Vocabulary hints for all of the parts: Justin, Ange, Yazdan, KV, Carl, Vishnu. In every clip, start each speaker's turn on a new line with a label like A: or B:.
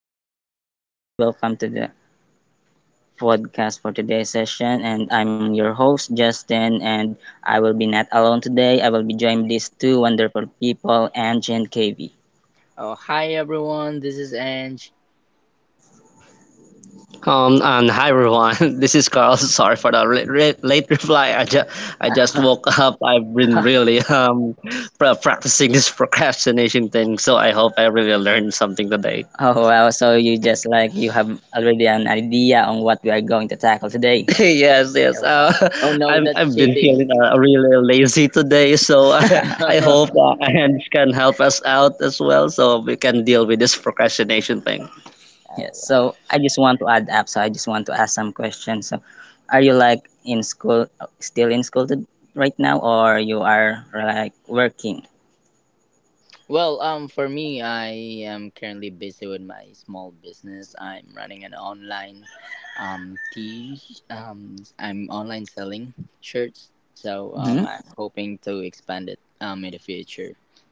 A: So, hi everyone, welcome to the podcast for today's session. And I'm your host, Justin, and I will be not alone today. I will be joined with these two wonderful people, Angie and KV.
B: Oh, hi everyone, this is Ange.
A: And hi everyone, this is Carl. Sorry for the late reply. I just woke up. I've been really practicing this procrastination thing, so I hope I really learned something today. Oh wow, so you just like you have already an idea on what we are going to tackle today. Yes, yes.
B: Oh, wow. Oh, no,
A: I'm
B: that's
A: I've been
B: cheating.
A: feeling really lazy today, so I I hope Hans can help us out as well, so we can deal with this procrastination thing. Yes, so I just want to add up. So I just want to ask some questions. So, are you like in school, still in school right now, or you are like working?
B: For me, I am currently busy with my small business. I'm running an online, tea, I'm online selling shirts. So,
A: Mm-hmm.
B: I'm hoping to expand it, in the future.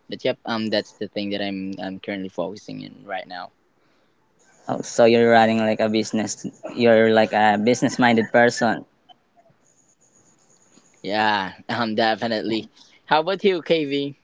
B: But yep, that's the thing that I'm currently focusing in right now.
A: Oh, so you're running like a business. You're like a business-minded person.
B: Yeah, definitely. How about you, KV?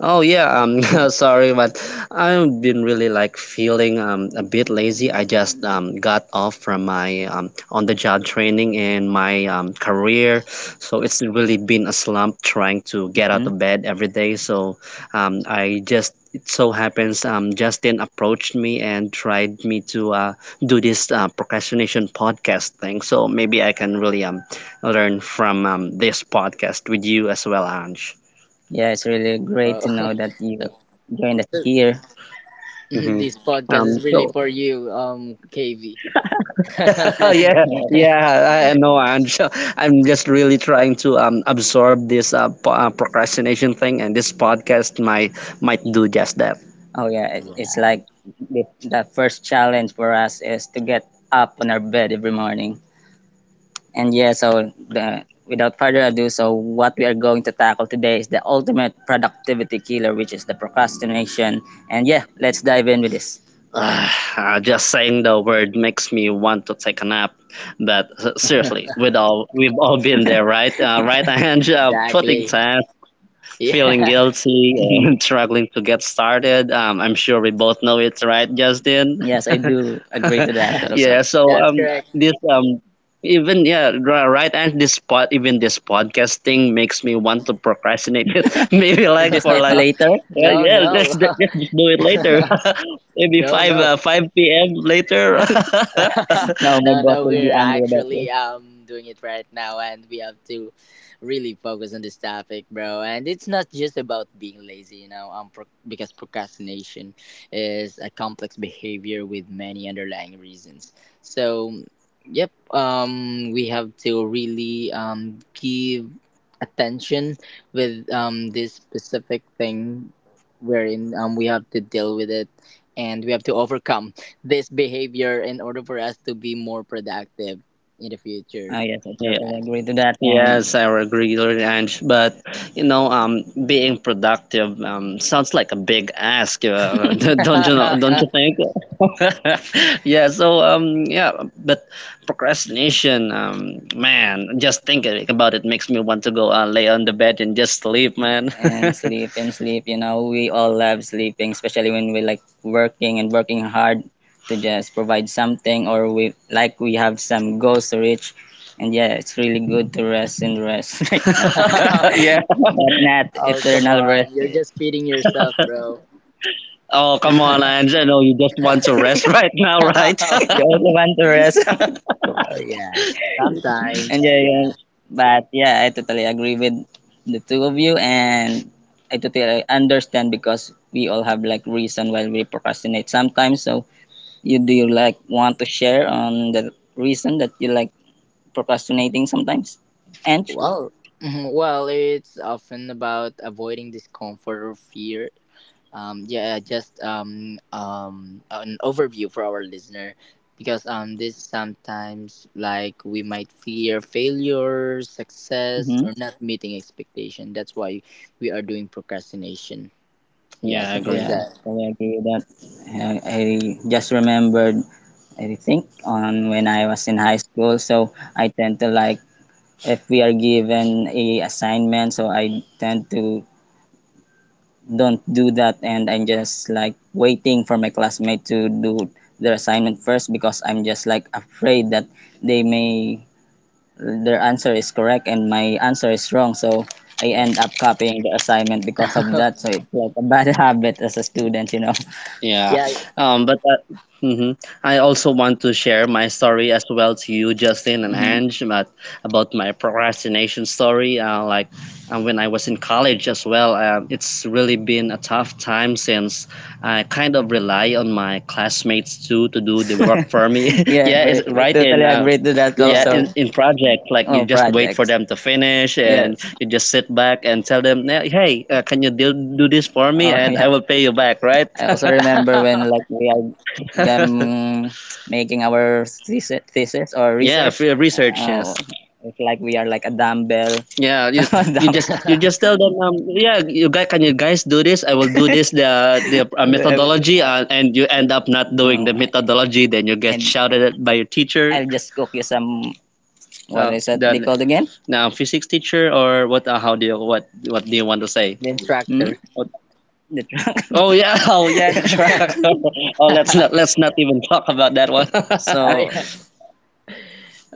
A: Oh yeah, sorry but I've been really like feeling a bit lazy. I just got off from my on the job training and my career. So it's really been a slump trying to get out Hmm? Of bed every day. So I just it so happens Justin approached me and tried me to do this procrastination podcast thing. So maybe I can really learn from this podcast with you as well, Ange. Yeah, it's really great
B: Well,
A: to know that you joined us
B: so,
A: here. Hmm.
B: this podcast is really
A: So
B: for you, KV.
A: yeah,
B: Yeah,
A: yeah, I know. I'm just really trying to absorb this procrastination thing, and this podcast might do just that. Oh yeah, it's like the first challenge for us is to get up on our bed every morning. And yeah, so without further ado, so what we are going to tackle today is the ultimate productivity killer, which is the procrastination. And yeah, let's dive in with this. Ah, just saying the word makes me want to take a nap. But seriously, we've all been there, right? Right, Angela, putting
B: exactly.
A: time
B: Yeah,
A: feeling guilty and struggling to get started. I'm sure we both know it, right, Justin? Yes, I do agree to that, Rosal. Yeah, so
B: that's correct.
A: this even yeah right and this pod even this podcast thing makes me want to procrastinate it maybe we'll like just do for it like later. Yeah,
B: No,
A: yeah, let's,
B: no,
A: let's just do it later. Maybe
B: no,
A: 5
B: no.
A: 5 p.m later. Now my
B: No,
A: boss
B: no,
A: will be
B: we're
A: angry about.
B: actually doing it right now, and we have to really focus on this topic, bro. And it's not just about being lazy, because procrastination is a complex behavior with many underlying reasons. So, yep, we have to really give attention with this specific thing wherein we have to deal with it and we have to overcome this behavior in order for us to be more productive in the future.
A: Ah, yes, I Yeah. totally
B: Right.
A: agree to that. And yes, I would agree, Lord Ange. But you know, being productive sounds like a big ask. Don't you know? Don't you think? Yeah. So yeah. But procrastination, man, just thinking about it makes me want to go lay on the bed and just sleep, man. And sleep and sleep. You know, we all love sleeping, especially when we like working and working hard to just provide something or we have some goals to reach. And yeah, it's really good to rest and rest right now. Yeah, but not
B: Oh come
A: eternal rest.
B: on, you're just feeding yourself, bro.
A: Oh, come on, Angela. No, you just want to rest right now, right? You
B: Oh
A: also want to rest.
B: yeah,
A: And
B: sometimes
A: yeah, yeah.
B: yeah.
A: But yeah, I totally agree with the two of you and I totally understand because we all have like reason why we procrastinate sometimes. So you do you like want to share on the reason that you like procrastinating sometimes? And?
B: Well, mhm, well, it's often about avoiding discomfort or fear, yeah, just an overview for our listener, because this sometimes, like, we might fear failure, success, or not meeting expectation. That's why we are doing procrastination. Yeah,
A: Yeah, I
B: simple
A: agree.
B: as
A: Yeah,
B: that.
A: so I agree with that. I just remembered, I think, on when I was in high school. So I tend to like, if we are given a assignment, so I tend to don't do that, and I'm just like waiting for my classmate to do their assignment first because I'm just like afraid that they may their answer is correct and my answer is wrong. So I
B: Yeah.
A: end up copying the assignment because of that. So it's like a bad habit as a student, you know. Yeah,
B: Yeah,
A: but mhm. I also want to share my story as well to you, Justin and Mhm. Ange, about my procrastination story. Like when I was in college as well, it's really been a tough time since I kind of rely on my classmates too to do the work for me. Yeah, yeah, it's we right in totally agree to that yeah also. in,
B: yeah.
A: in project like you Oh, just wait for projects. Them to finish and Yes. you just sit back and tell them hey hey, can you do this for me Oh and I yeah. will pay you back right. I also remember when like we are um, making our thesis or yeah research. Free research. Oh, yes. Oh, it's like we are like a dumbbell. Yeah, you, you just you
B: The
A: just tell them, yeah, you guys, can you guys do this? I will do this the methodology, and you end up not doing oh the my. Methodology. Then you get And shouted at by your teacher, I'll just cook you some, what is that they the called again? Now physics teacher, or what? How do you what do you want to say?
B: instructor.
A: Hmm? What, the truck. Oh yeah, oh yeah, the track. oh,
B: Oh
A: let's not even talk about that one. So
B: yeah,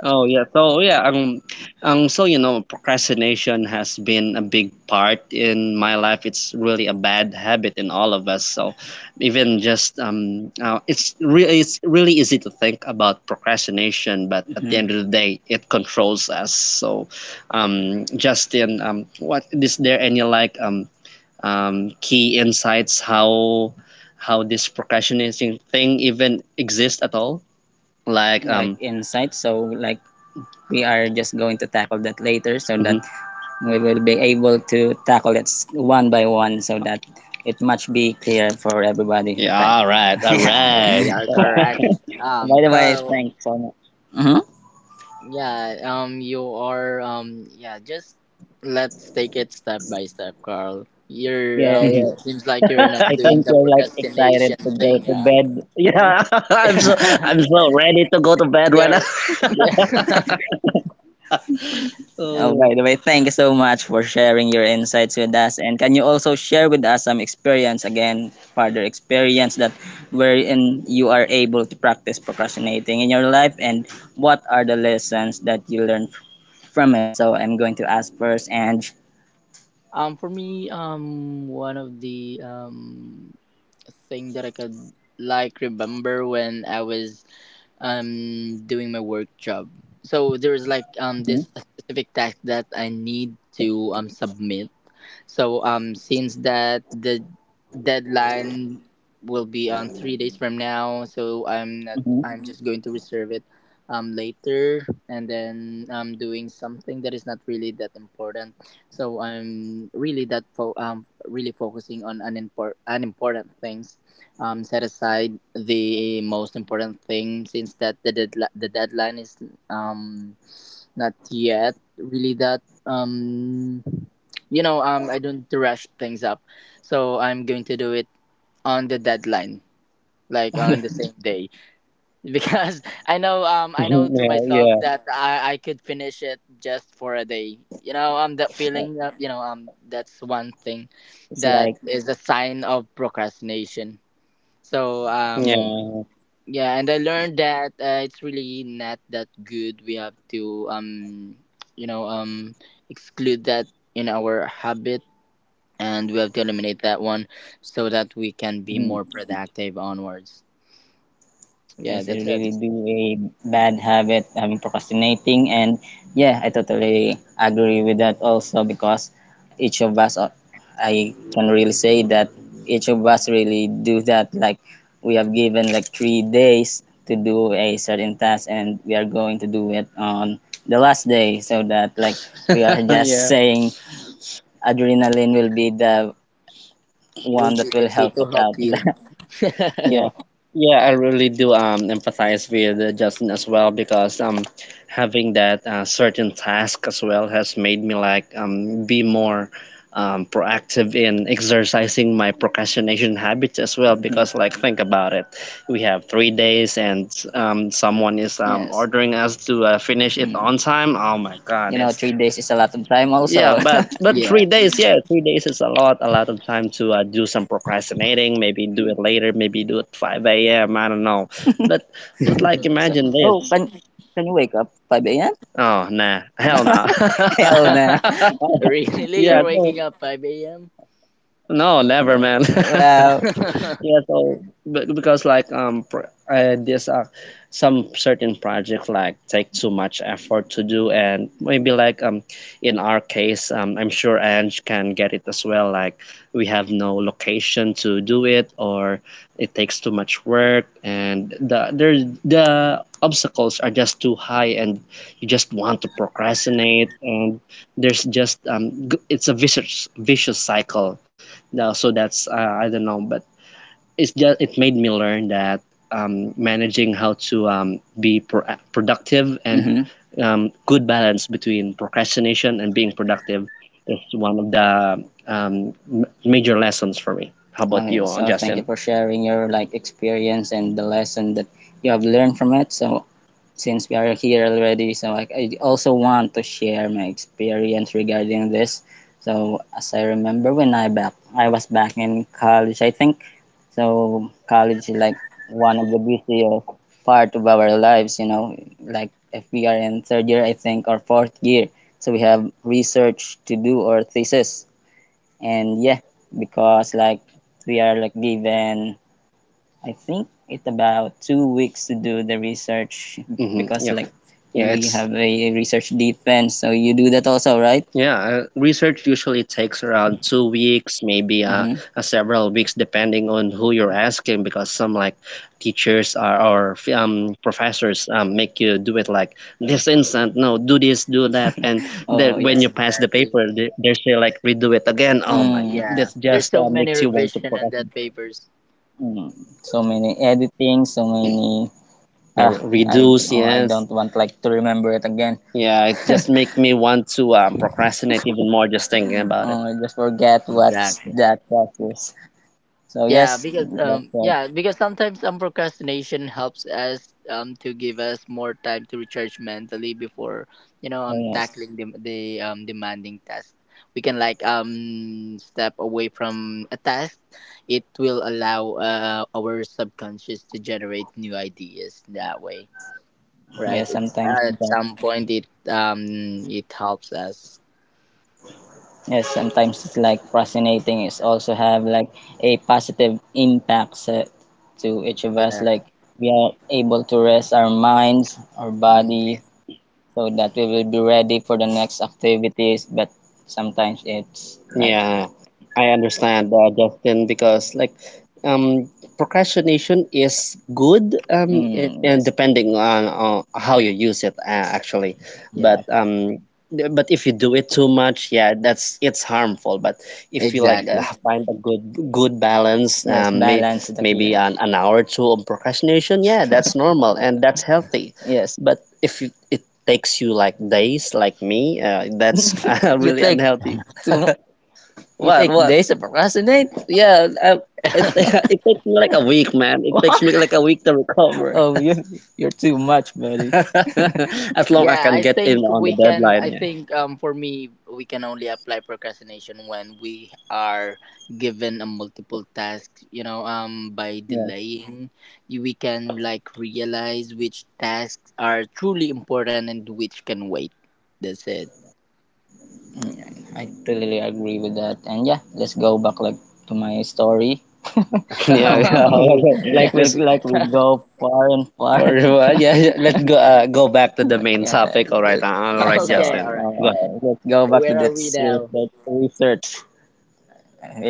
A: oh yeah, so yeah, so you know, procrastination has been a big part in my life. It's really a bad habit in all of us. So, even just it's really easy to think about procrastination, but at the hmm end of the day, it controls us. So, Justin, what is there any like key insights how this procrastination thing even exists at all? Like Mhm. like insight. So like we are just going to tackle that later so mm-hmm. that we will be able to tackle it one by one so that it much be clear for everybody. Yeah, right. All right, all
B: yeah,
A: right.
B: yeah, you're correct,
A: By the way,
B: Carl.
A: thanks so much. Mhm.
B: Yeah, you are, yeah, just let's take it step by step, Carl. You're,
A: Yeah, you
B: seems like you're not doing the
A: ready
B: procrastination
A: to go
B: thing,
A: to
B: yeah.
A: bed? Yeah, I'm so I'm so ready to go to bed right now.
B: You're, yeah.
A: Oh, so, by the thank you so much for sharing your insights with us. And can you also share with us some experience again, further experience that wherein you are able to practice procrastinating in your life and what are the lessons that you learned from it? So I'm going to ask first, and
B: For me, one of the, thing that I could, like, remember when I was doing my work job. So there's like this
A: Mhm,
B: specific task that I need to submit. So since that the deadline will be on 3 days from now, so I'm not
A: mhm.
B: I'm just going to reserve it later, and then I'm doing something that is not really that important. So I'm really that really focusing on unimportant things, set aside the most important thing since that the the deadline is um not yet really that, um I don't rush things up, so I'm going to do it on the deadline, like on the same day. Because I know, I know to
A: yeah,
B: myself
A: yeah,
B: that I could finish it just for a day. You know, that feeling, you know, that's one thing
A: it's
B: that
A: like,
B: is a sign of procrastination. So
A: yeah.
B: yeah, and I learned that it's really not that good. We have to you know um exclude that in our habit, and we have to eliminate that one so that we can be more productive onwards. Yeah,
A: Yes, it
B: that's it.
A: really be a bad habit having procrastinating and yeah, I totally agree with that also because each of us I can really say that each of us really do that like we have given like 3 days to do a certain task and we are going to do it on the last day so that like we are just yeah. saying adrenaline will be the
B: It will
A: one
B: be
A: that will
B: happy
A: help
B: to
A: us
B: help
A: out.
B: you.
A: Yeah, yeah, I really do empathize with Justin as well because having that certain task as well has made me like be more proactive in exercising my procrastination habits as well because like think about it we have 3 days and someone is Yes. ordering us to finish it Mm. on time oh my god you know, 3 days is a lot of time also. Yeah also. But but
B: Yeah.
A: 3 days yeah 3 days is a lot of time to do some procrastinating maybe do it later maybe do it 5 a.m I don't know but but like so, imagine oh, this can you wake up 5 a.m.? Oh nah hell no Hell no.
B: Really?
A: Yeah
B: You're waking
A: no,
B: up 5 a.m.?
A: no never man Wow.
B: Yeah,
A: Yeah, so because like there's some certain project like take too much effort to do and maybe like in our case I'm sure Ange can get it as well like we have no location to do it or it takes too much work and the obstacles are just too high and you just want to procrastinate and there's just it's a vicious vicious cycle. Now, so that's I don't know but it's just it made me learn that managing how to be productive and Mhm. um, Good balance between procrastination and being productive is one of the um, major lessons for me. How about okay, you, so Justin? Thank you for sharing your like experience and the lesson that you have learned from it. So since we are here already, so I also want to share my experience regarding this. So as I remember when I back I was back in college, I think. So college is like one of the busiest part of our lives, you know, like if we are in third year, I think, or fourth year. So we have research to do or thesis. And yeah, because like we are like given I think it's about 2 weeks to do the research. Mhm, because yeah. Like yeah, you have a research defense, so you do that also, right? Yeah, research usually takes around 2 weeks, maybe mhm, several weeks, depending on who you're asking. Because some like teachers are, or professors make you do it like this instant. No, do this, do that, and oh then yes, when yes you pass the
B: exactly.
A: paper, they say like redo it again. Oh mm, my, mm,
B: Yeah.
A: that
B: There's
A: just
B: so many
A: makes you want to
B: revision in that
A: procrastinate.
B: papers.
A: Mm, so many editing, so many. Ah, I reduce, oh, I yes don't want like to remember it again. Yeah, it just make me want to procrastinate even more just thinking about it. Oh, I just forget what's
B: Exactly.
A: that process. So yes, that's what.
B: Yeah, because sometimes procrastination helps us to give us more time to recharge mentally before, you know,
A: Oh, yes,
B: tackling the demanding task. We can like step away from a task. It will allow, our subconscious to generate new ideas that way, right?
A: yes.
B: It's,
A: Sometimes
B: at
A: that.
B: some point it um it helps us.
A: Yes, sometimes it's like procrastinating is also have like a positive impact set to each of us.
B: Yeah.
A: Like we are able to rest our minds, our
B: Mm,
A: body, so that we will be ready for the next activities but sometimes it's like yeah, I understand, Justin, because like um, procrastination is good and yes depending on how you use it actually.
B: yeah,
A: But but if you do it too much yeah that's it's harmful but if you like
B: exactly.
A: find a good balance. Yes, may, balance is the key. Maybe key. An hour or two of procrastination yeah that's normal and that's healthy. Yes. But if you, it takes you like days like me that's you really take unhealthy too mu- you what take what days to procrastinate? Yeah I, it, it takes me like a week man it takes me what? Like a week to recover. Oh, you, you're too much, buddy. As long I
B: Yeah,
A: can
B: I
A: get
B: think
A: in on the
B: we can. I
A: deadline
B: think, for me, we can only apply procrastination when we are given a multiple task. You know, by
A: yeah.
B: delaying, we can, like, realize which tasks are truly important and which can wait. That's it.
A: Mm, I totally agree with that. And yeah, let's go back like to my story. Yeah, like
B: Yeah.
A: we let's like far and far. Or what? Yeah, yeah, let's go go back to the main yeah, topic. All right, let- all yeah, right, so
B: Okay.
A: Justin,
B: All
A: go
B: right.
A: ahead. Let's go
B: So
A: back
B: where
A: to
B: are
A: that
B: we now?
A: research,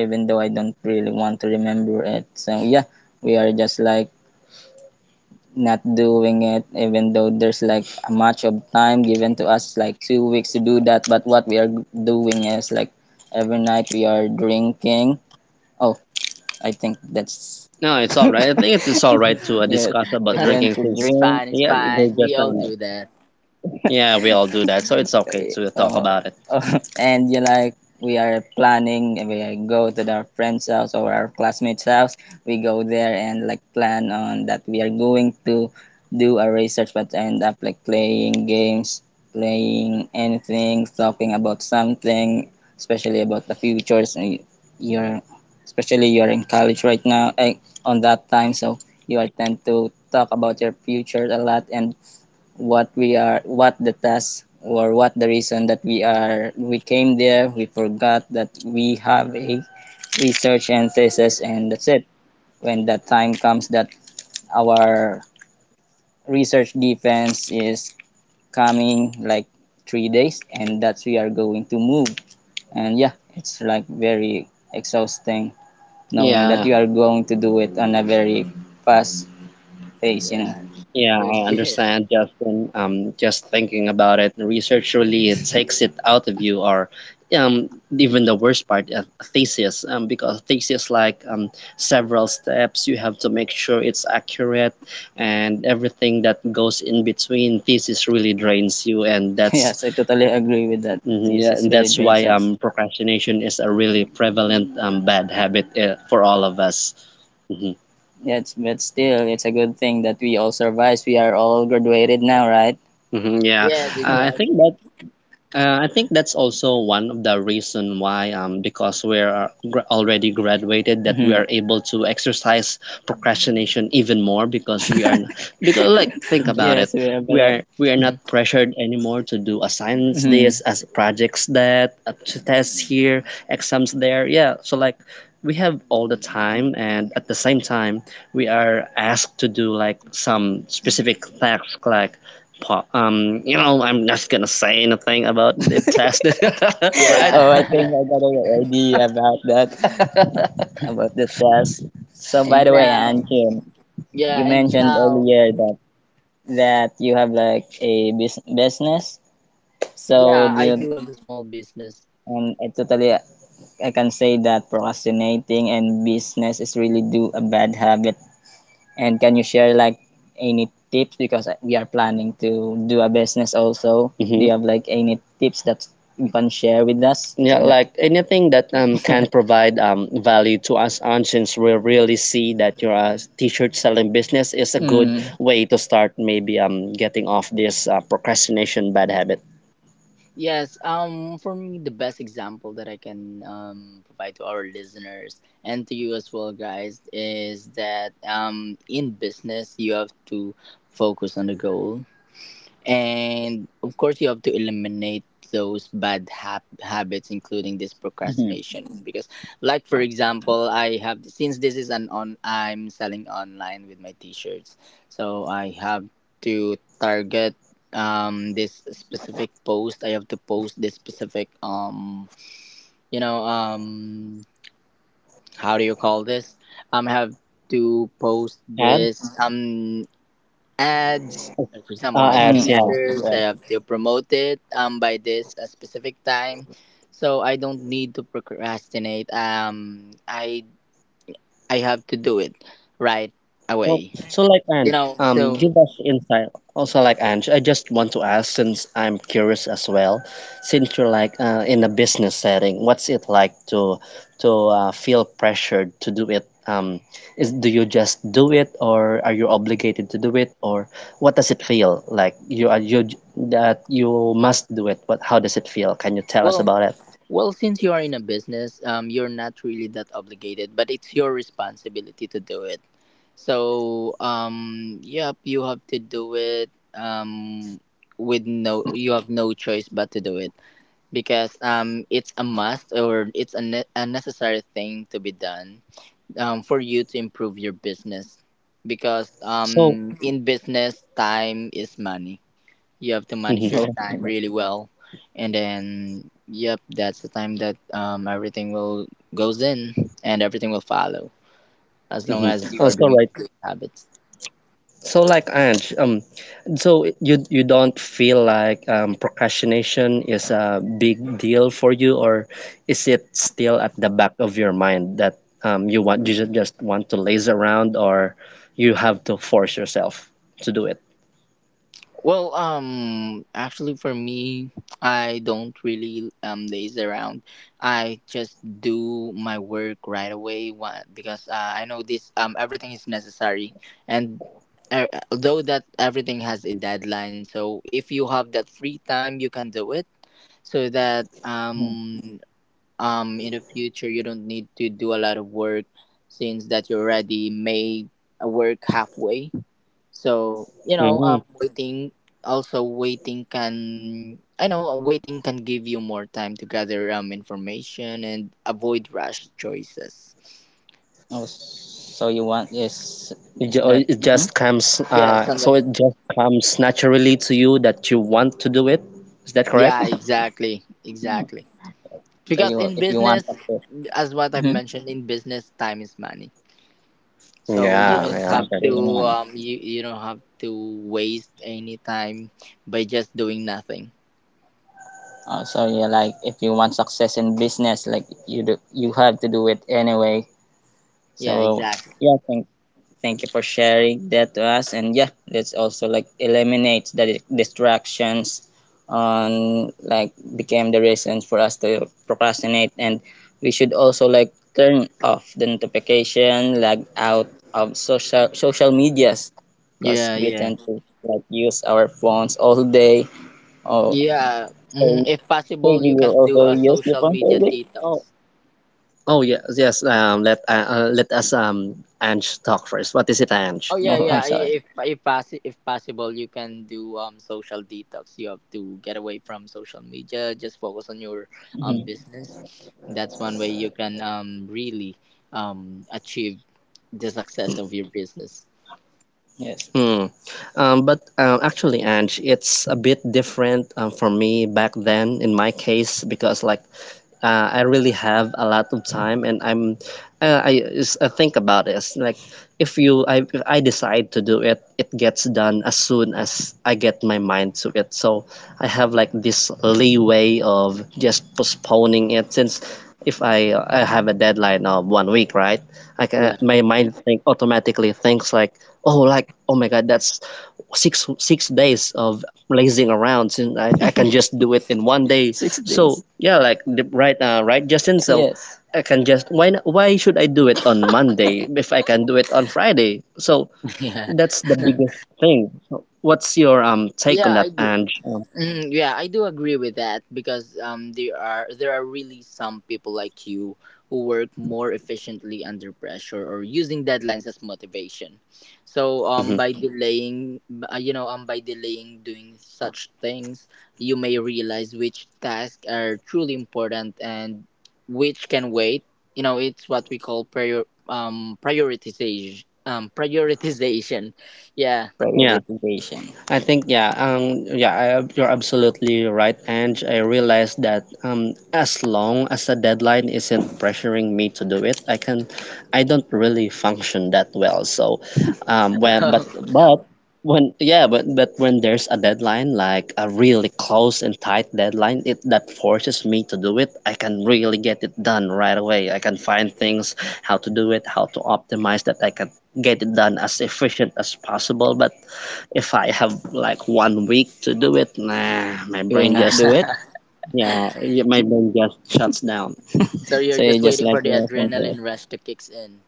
A: even though I don't really want to remember it. So yeah, we are just like not doing it even though there's like a much of time given to us like 2 weeks to do that but what we are doing is like every night we are drinking oh I think that's no, it's all right. I think it's all right to yeah discuss about we drinking to since
B: It's fine.
A: drink
B: It's
A: yeah, we're
B: fine. We
A: just
B: all do that.
A: yeah, we all do that, so it's okay to talk oh about it. Oh, and you like we are planning and we go to our friend's house or our classmates house we go there and like plan on that we are going to do a research but end up like playing games playing anything talking about something especially about the futures and you're especially you're in college right now eh, on that time so you are tend to talk about your future a lot and what we are what the task or what the reason that we are we came there we forgot that we have a research and thesis
B: Yeah.
A: and that's it when that time comes that our research defense is coming like 3 days and that's we are going to move and yeah it's like very exhausting knowing yeah, that you are going to do it on a very fast face, you know.
B: Yeah.
A: Yeah,
B: Good.
A: I understand, Justin. Just thinking about it, research really takes it out of you, or um, even the worst part, a thesis. Because thesis like several steps, you have to make sure it's accurate, and everything that goes in between thesis really drains you, and that's yes, I totally agree with that. Mhm, yeah, thesis and really that's drains why drains us. Procrastination is a really prevalent bad habit for all of us. Mhm. Yes, but still, it's a good thing that we all survived. We are all graduated now, right? Hmm yeah,
B: Yeah. Yes.
A: I think
B: Exactly.
A: that. I think that's also one of the reason why, because we're gra- already graduated, that we hmm are able to exercise procrastination even more because we are, n- because like think about it, yes, we have we lot. Are we are not pressured anymore to do assignments hmm this, as projects that, to tests here, exams there. Yeah, so like we have all the time, and at the same time, we are asked to do like some specific tasks, like po- you know, I'm not gonna say anything about the test, right? Oh, I think
B: Yeah.
A: I got an idea about that, about the test. So,
B: And
A: by the way,
B: now,
A: Anjun, you
B: yeah, and
A: mentioned
B: now,
A: earlier that you have like a bus- business. So,
B: yeah,
A: do
B: I
A: you,
B: do have a small business.
A: I totally I can say that procrastinating and business is really do a bad habit. And can you share like any tips because we are planning to do a business also. Mm-hmm. Do you hmm have like any tips that you can share with us. Yeah, so like anything that can provide value to us, and since we really see that your t-shirt selling business is a good mm, way to start, maybe getting off this procrastination bad habit.
B: Yes, for me, the best example that I can provide to our listeners and to you as well, guys, is that in business you have to focus on the goal. And of course, you have to eliminate those bad hab habits, including this
A: Mhm.
B: procrastination. Because, like for example, I have, since this is an on I'm selling online with my T-shirts, so I have to target this specific post. I have to post this specific you know um how do you call this? I have to post
A: Ad?
B: this. Ads. Like for example, my
A: Ads, mm, yeah, ads,
B: t-shirts, I
A: yeah.
B: have to promote it by this, specific time, so I don't need to procrastinate. I have to do it right
A: Well,
B: away.
A: so like
B: You
A: Ange,
B: know, so
A: give us insight. Also, like Ange, I just want to ask since I'm curious as well. Since you're like in a business setting, what's it like to feel pressured to do it? Is do you just do it, or are you obligated to do it, or what does it feel like? You are you j- that you must do it. What? How does it feel? Can you tell us
B: well,
A: about it?
B: well, since you are in a business, you're not really that obligated, but it's your responsibility to do it. So yep, you have to do it. With no, you have no choice but to do it, because, it's a must, or it's a, a necessary thing to be done, for you to improve your business, because,
A: So.
B: in business time is money. You have to
A: Mm-hmm.
B: manage your
A: Oh,
B: time really well, and then yep, that's the time that, everything will goes in and everything will follow as long
A: hmm
B: as you are
A: also,
B: doing
A: right.
B: good habits.
A: So like Ange, so you don't feel like procrastination is a big deal for you, or is it still at the back of your mind that you want you just want to laze around, or you have to force yourself to do it?
B: Well, actually, for me, I don't really laze around. I just do my work right away. Why? Because, I know this, everything is necessary, and, uh, although that everything has a deadline, so if you have that free time, you can do it. So that in the future you don't need to do a lot of work since that you already made a work halfway, so you know,
A: Hmm
B: waiting also, waiting can, I know, waiting can give you more time to gather information and avoid rush choices.
A: oh, so you want is it, ju- or that? It mhm, just comes,
B: Yeah,
A: so
B: something.
A: it just comes naturally to you that you want to do it. Is that correct?
B: Yeah, exactly, exactly.
A: So
B: Because
A: you
B: in
A: if you
B: business,
A: want to.
B: as what I've
A: Mm-hmm.
B: mentioned, in business time is money,
A: Oh,
B: so
A: yeah,
B: you
A: I it's
B: don't
A: kind
B: have to
A: understand.
B: you, you don't have to waste any time by just doing nothing.
A: So yeah, like if you want success in business, like you do, you have to do it anyway.
B: Yeah,
A: So
B: exactly.
A: yeah, thank you for sharing that to us. And yeah, let's also like eliminate the di- distractions on like became the reasons for us to procrastinate. And we should also like turn off the notification, log out of social medias because
B: Yeah,
A: we
B: yeah,
A: tend to like use our phones all day. Oh,
B: yeah. Hmm,
A: so
B: if
A: hey,
B: possible,
A: we
B: you
A: will
B: can do
A: also
B: a
A: use the
B: social
A: phone
B: media
A: trading. Oh,
B: detox.
A: oh yes, yes. Let let us Ange talk first. What is it, Ange?
B: Oh
A: No,
B: yeah,
A: I'm
B: yeah,
A: sorry.
B: if possible, you can do social detox. You have to get away from social media, just focus on your business. That's one way you can really achieve the success of your business.
A: Yes. Hmm. But actually, Ange, it's a bit different for me back then in my case because like I really have a lot of time and I'm I, is- I think about it. It's like if you I if I decide to do it, it gets done as soon as I get my mind to it. So I have like this leeway of just postponing it since if I I have a deadline of 1 week, right? I can,
B: Yeah.
A: my mind think automatically thinks like oh my god, that's six days of lazing around. Since I can just do it in one day. Six so days. Yeah, like the, right right, Justin. So yes. I can just why not, why should I do it on Monday if I can do it on Friday? So
B: Yeah.
A: that's the biggest thing. So what's your take on
B: Yeah, I
A: that,
B: do.
A: Ange?
B: Mm, yeah, I do agree with that, because, there are really some people like you who work more efficiently under pressure or using deadlines as motivation. So, by delaying, you know, by delaying doing such things, you may realize which tasks are truly important and which can wait. You know, it's what we call prioritization, prioritization. Yeah.
A: Yeah. Prioritization. I think yeah, yeah, you're absolutely right, and I realize that, as long as a deadline isn't pressuring me to do it, I don't really function that well. So, when but when yeah, but when there's a deadline, like a really close and tight deadline, it that forces me to do it. I can really get it done right away. I can find things how to do it, how to optimize that. I can get it done as efficient as possible, but if I have like one week to do it, nah, my brain not just do it. uh, my brain just shuts down.
B: So you're
A: So you
B: just
A: just
B: waiting
A: let
B: for the
A: the rest and
B: adrenaline
A: rest.
B: rush to kicks in.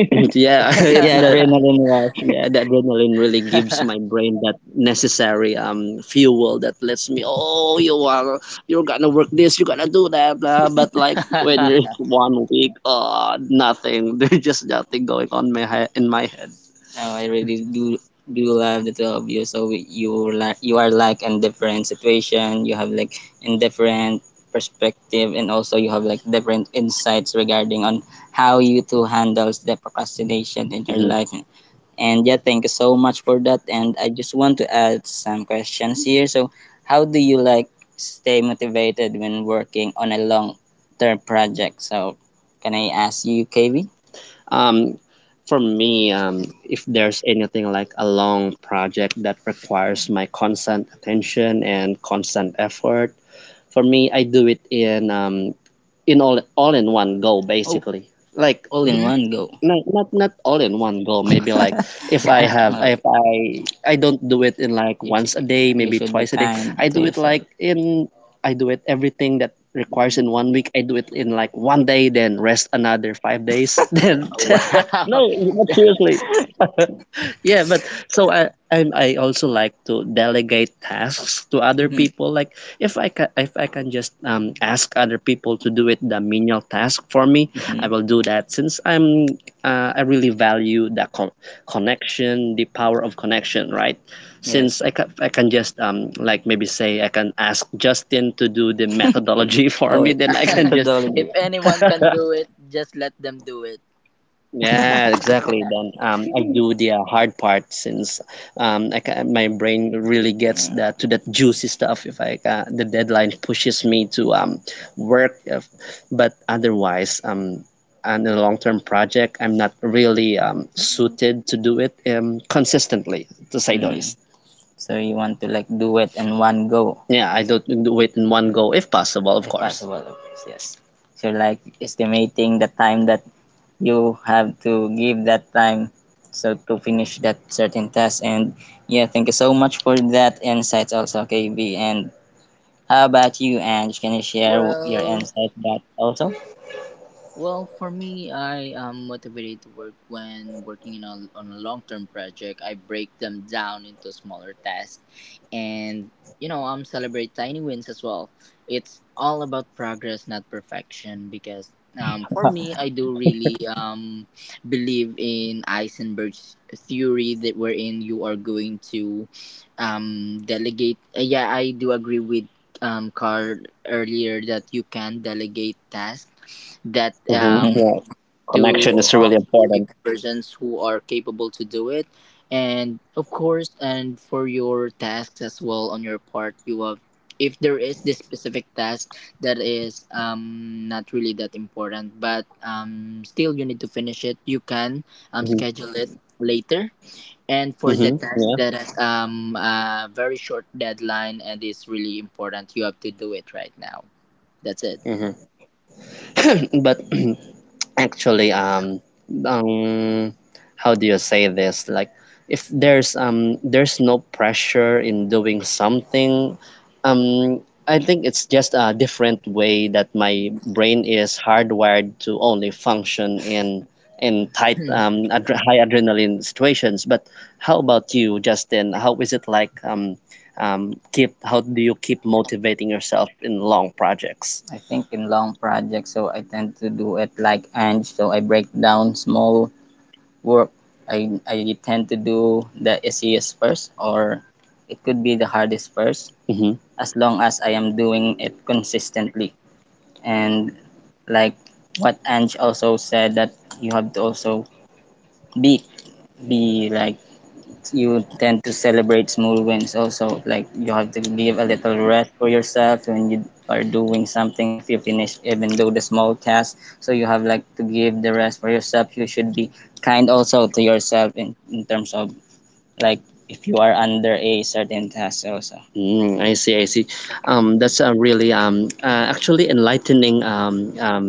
A: Yeah. it Yeah, the, Yeah, the adrenaline really gives my brain that necessary fuel that lets me. Oh, you're gonna work this, you're gonna do that, blah. But like when you're one week, oh, nothing. There's just nothing going on my head in my head. Oh, I really do love the two of you. You were like you are like in different situation. You have like in different perspective, and also you have like different insights regarding on how you two handles the procrastination in your, mhm, life. And yeah, thank you so much for that. And I just want to add some questions here. So, how do you like stay motivated when working on a long term project? So, can I ask you, KV? Um, for me, if there's anything like a long project that requires my constant attention and constant effort, for me, I do it in all in one go, basically, like all in
B: Hmm?
A: one go. Not all in one go, maybe like if I have. No, if I don't do it in, like, you once should, a day, you maybe should be twice a day, kind I to do it yourself. Like, in, I do it everything that requires in one week, I do it in like one day, then rest another 5 days then no,
B: Wow.
A: not seriously. Yeah, but so I also like to delegate tasks to other, mm, people. Like, if I can just ask other people to do it the menial task for me, I, mhm, will do that. Since I really value the connection, the power of connection, right? Yeah. Since I can just like maybe say I can ask Justin to do the methodology for, oh, me, then I can just methodology.
B: If anyone can do it, just let them do it.
A: Yeah, exactly. Then I do the hard part, since I ca my brain really gets that to that juicy stuff if I ca the deadline pushes me to work. If, But otherwise, on a long-term project, I'm not really suited to do it consistently, to say the, mm, least. So you want to like do it in one go. Yeah, I don't do it in one go if possible, of if course. Possible, of course. Yes. So like estimating the time that you have to give that time so to finish that certain task. And yeah, thank you so much for that insight also, kb. And how about you, Ange? Can you share your
B: Well,
A: insight that also, hmm,
B: well, for me, I am motivated to work when working in a, on a long term project. I break them down into smaller tasks, and, you know, celebrate tiny wins as well. It's all about progress, not perfection, because, for me, I do really believe in Eisenberg's theory, that wherein you are going to, delegate. Yeah, I do agree with, Carl earlier, that you can delegate tasks that,
A: mhm, yeah,
B: to,
A: connection is really
B: um, the
A: important,
B: persons who are capable to do it. And of course, and for your tasks as well on your part, you have, if there is this specific task that is not really that important, but still you need to finish it, you can
A: hmm,
B: schedule it later. And for the
A: hmm,
B: task
A: yeah,
B: that has a very short deadline and is really important, you have to do it right now. That's it.
A: mm-hmm. But actually, um how do you say this, like, if there's there's no pressure in doing something, um I think it's just a different way that my brain is hardwired to only function in tight, high adrenaline situations. But how about you, Justin? How is it like, keep how do you keep motivating yourself in long projects? I think in long projects, so I tend to do it like Ange. So I break down small work. I tend to do the easiest first, or it could be the hardest first, hmm, as long as I am doing it consistently. And like what Ange also said, that you have to also be be like, you tend to celebrate small wins also, like you have to give a little rest for yourself when you are doing something, if you finish even though the small task, so you have like to give the rest for yourself, you should be kind also to yourself in terms of like if you are under a certain task also. Mm, I see, I see. That's a really actually enlightening,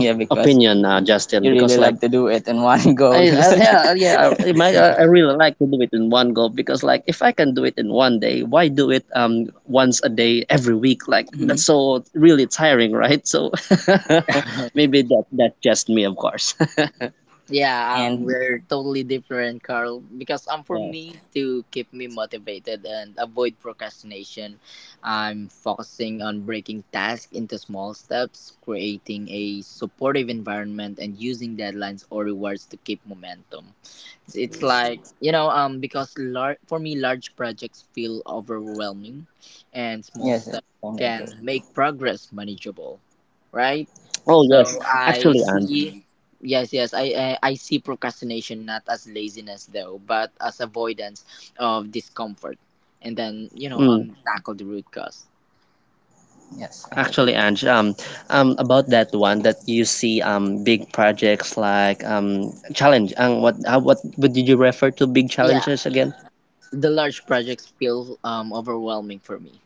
A: yeah, because opinion, Justin, you because really like to do it in one go. I yeah, yeah,
B: Yeah.
A: I might- I really like to do it in one go because like if I can do it in one day, why do it once a day every week? Like that's, mhm, so really tiring, right? So maybe that's just me, of course.
B: Yeah,
A: And
B: we're totally different, Carl. Because, for me to keep me motivated and avoid procrastination, I'm focusing on breaking tasks into small steps, creating a supportive environment, and using deadlines or rewards to keep momentum. It's like, you know, because, for me, large projects feel overwhelming, and small
A: yes, yes,
B: steps
A: thank you, bro.
B: can make progress manageable, right?
A: Oh yes,
B: So I
A: actually, Anne.
B: see. Yes, yes, I, I see procrastination not as laziness though, but as avoidance of discomfort, and then, you know,
A: Mm.
B: tackle the root cause.
A: Yes. I think, actually, Ange, about that one that you see, big projects like, challenge. What did you refer to big
B: Yeah,
A: challenges again?
B: the large projects feel overwhelming for me.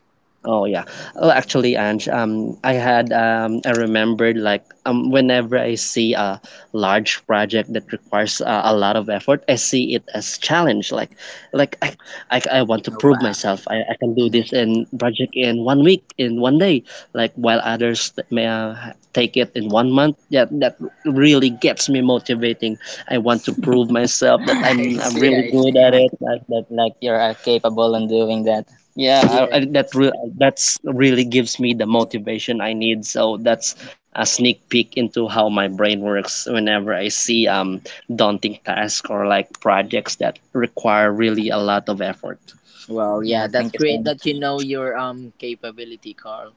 A: Oh yeah. Well, actually, Ange, I had I remembered like, whenever I see a large project that requires, a lot of effort, I see it as challenge. Like, I want to
B: Oh
A: prove
B: wow.
A: myself. I can do this in project in one week, in one day. Like, while others may take it in one month. Yeah, that really gets me motivating. I want to prove myself that
B: I
A: I'm
B: see,
A: really
B: I see.
A: good at it. That like, you're capable in doing that. Yeah,
B: Yeah.
A: I, that re that's really gives me the motivation I need. So that's a sneak peek into how my brain works whenever I see daunting tasks or like projects that require really a lot of effort.
B: Well, yeah,
A: Yeah,
B: that's
A: thank you so
B: great that you know your capability, Carl.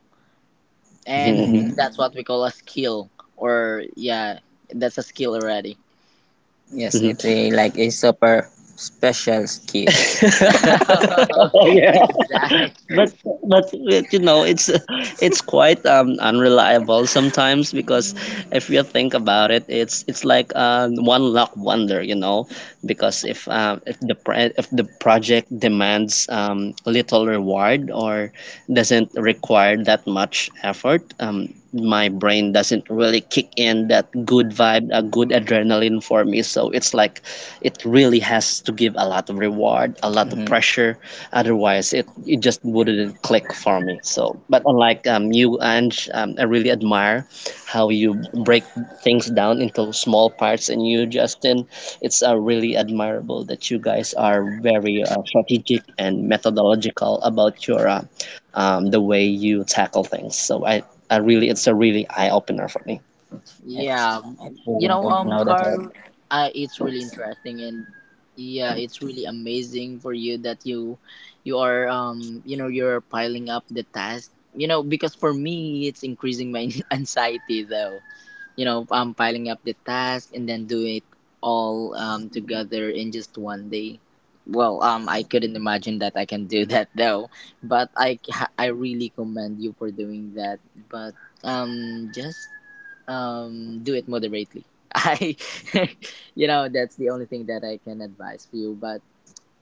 B: And
A: much.
B: that's what we call a skill, or yeah, that's a skill already.
A: Yes, hmm, it's a like a super special skill. Oh yeah,
B: Exactly.
A: but but you know it's quite unreliable sometimes because if you think about it, it's like a one luck wonder, you know, because if the project demands little reward or doesn't require that much effort. My brain doesn't really kick in that good vibe, a good adrenaline for me. So it's like it really has to give a lot of reward, a lot of pressure. Otherwise, it just wouldn't click for me. But unlike, you, Ange, I really admire how you break things down into small parts. And you, Justin, it's really admirable that you guys are very strategic and methodological about your the way you tackle things. So, it's a really eye opener for me. It's
B: Yeah. You
A: really
B: know,
A: good to know that I.
B: Carl, it's really interesting, and yeah, it's really amazing for you that you are you know, you're piling up the task. You know, because for me it's increasing my anxiety though. You know, piling up the task and then do it all together in just one day. Well, I couldn't imagine that I can do that though, but I really commend you for doing that, but just do it moderately. I You know, that's the only thing that I can advise for you, but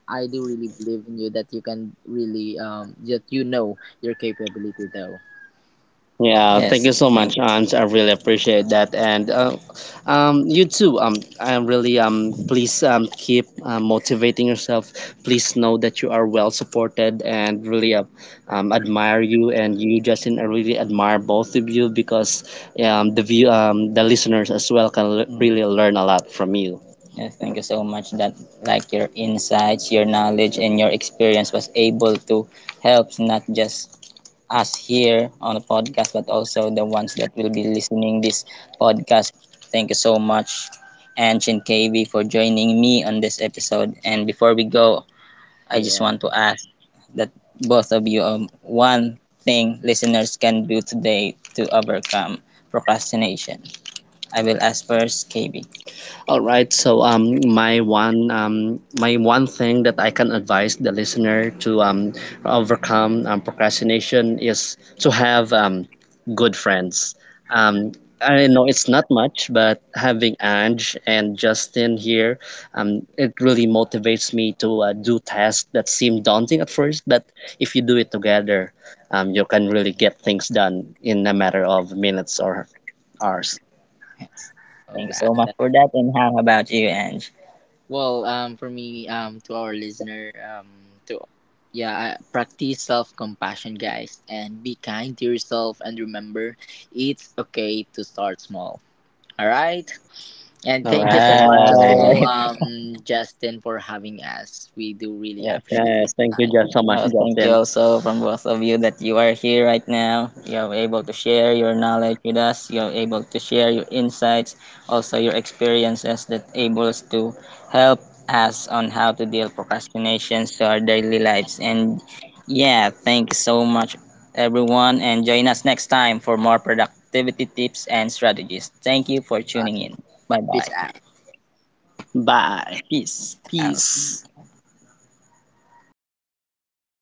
B: I do really believe in you that you can really that you know your capability though.
A: Yeah, thank. Yes, you so thank much, you. Aunt. I really appreciate that, and you too. I'm really, please, keep, motivating yourself. Please know that you are well supported, and really admire you and you, Justin. I really admire both of you because the view the listeners as well can mm, really learn a lot from you. Yes, thank you so much that like your insights, your knowledge and your experience was able to help not just us here on the podcast, but also the ones that will be listening this podcast. Thank you so much, Ancient KV, for joining me on this episode. And before we go, I just
B: Yeah.
A: want to ask that both of you one thing listeners can do today to overcome procrastination. I will ask first, KV. All right. So my one thing that I can advise the listener to overcome procrastination is to have good friends. Um, I know it's not much, but having Ange and Justin here, it really motivates me to do tasks that seem daunting at first. But if you do it together, you can really get things done in a matter of minutes or hours.
B: Oh
A: Thank you
B: wow.
A: so much for that. And how about you, Ange?
B: Well, for me, to our listener, to yeah, practice self compassion, guys, and be kind to yourself. And remember, it's okay to start small. All right, and
A: All
B: thank you so much as well,
A: right.
B: Justin, for having us. We do really
A: Yes,
B: appreciate your
A: yes. Thank you
B: time.
A: just so much. Thank you, Justin, also, from both of you that you are here right now. You are able to share your knowledge with us. You are able to share your insights, also your experiences that enables to help us on how to deal procrastinations to our daily lives. And yeah, thank you so much, everyone. And join us next time for more productivity tips and strategies. Thank you for tuning
B: Bye.
A: in. Bye
B: Peace
A: bye.
B: out.
A: Bye. Peace out. Peace.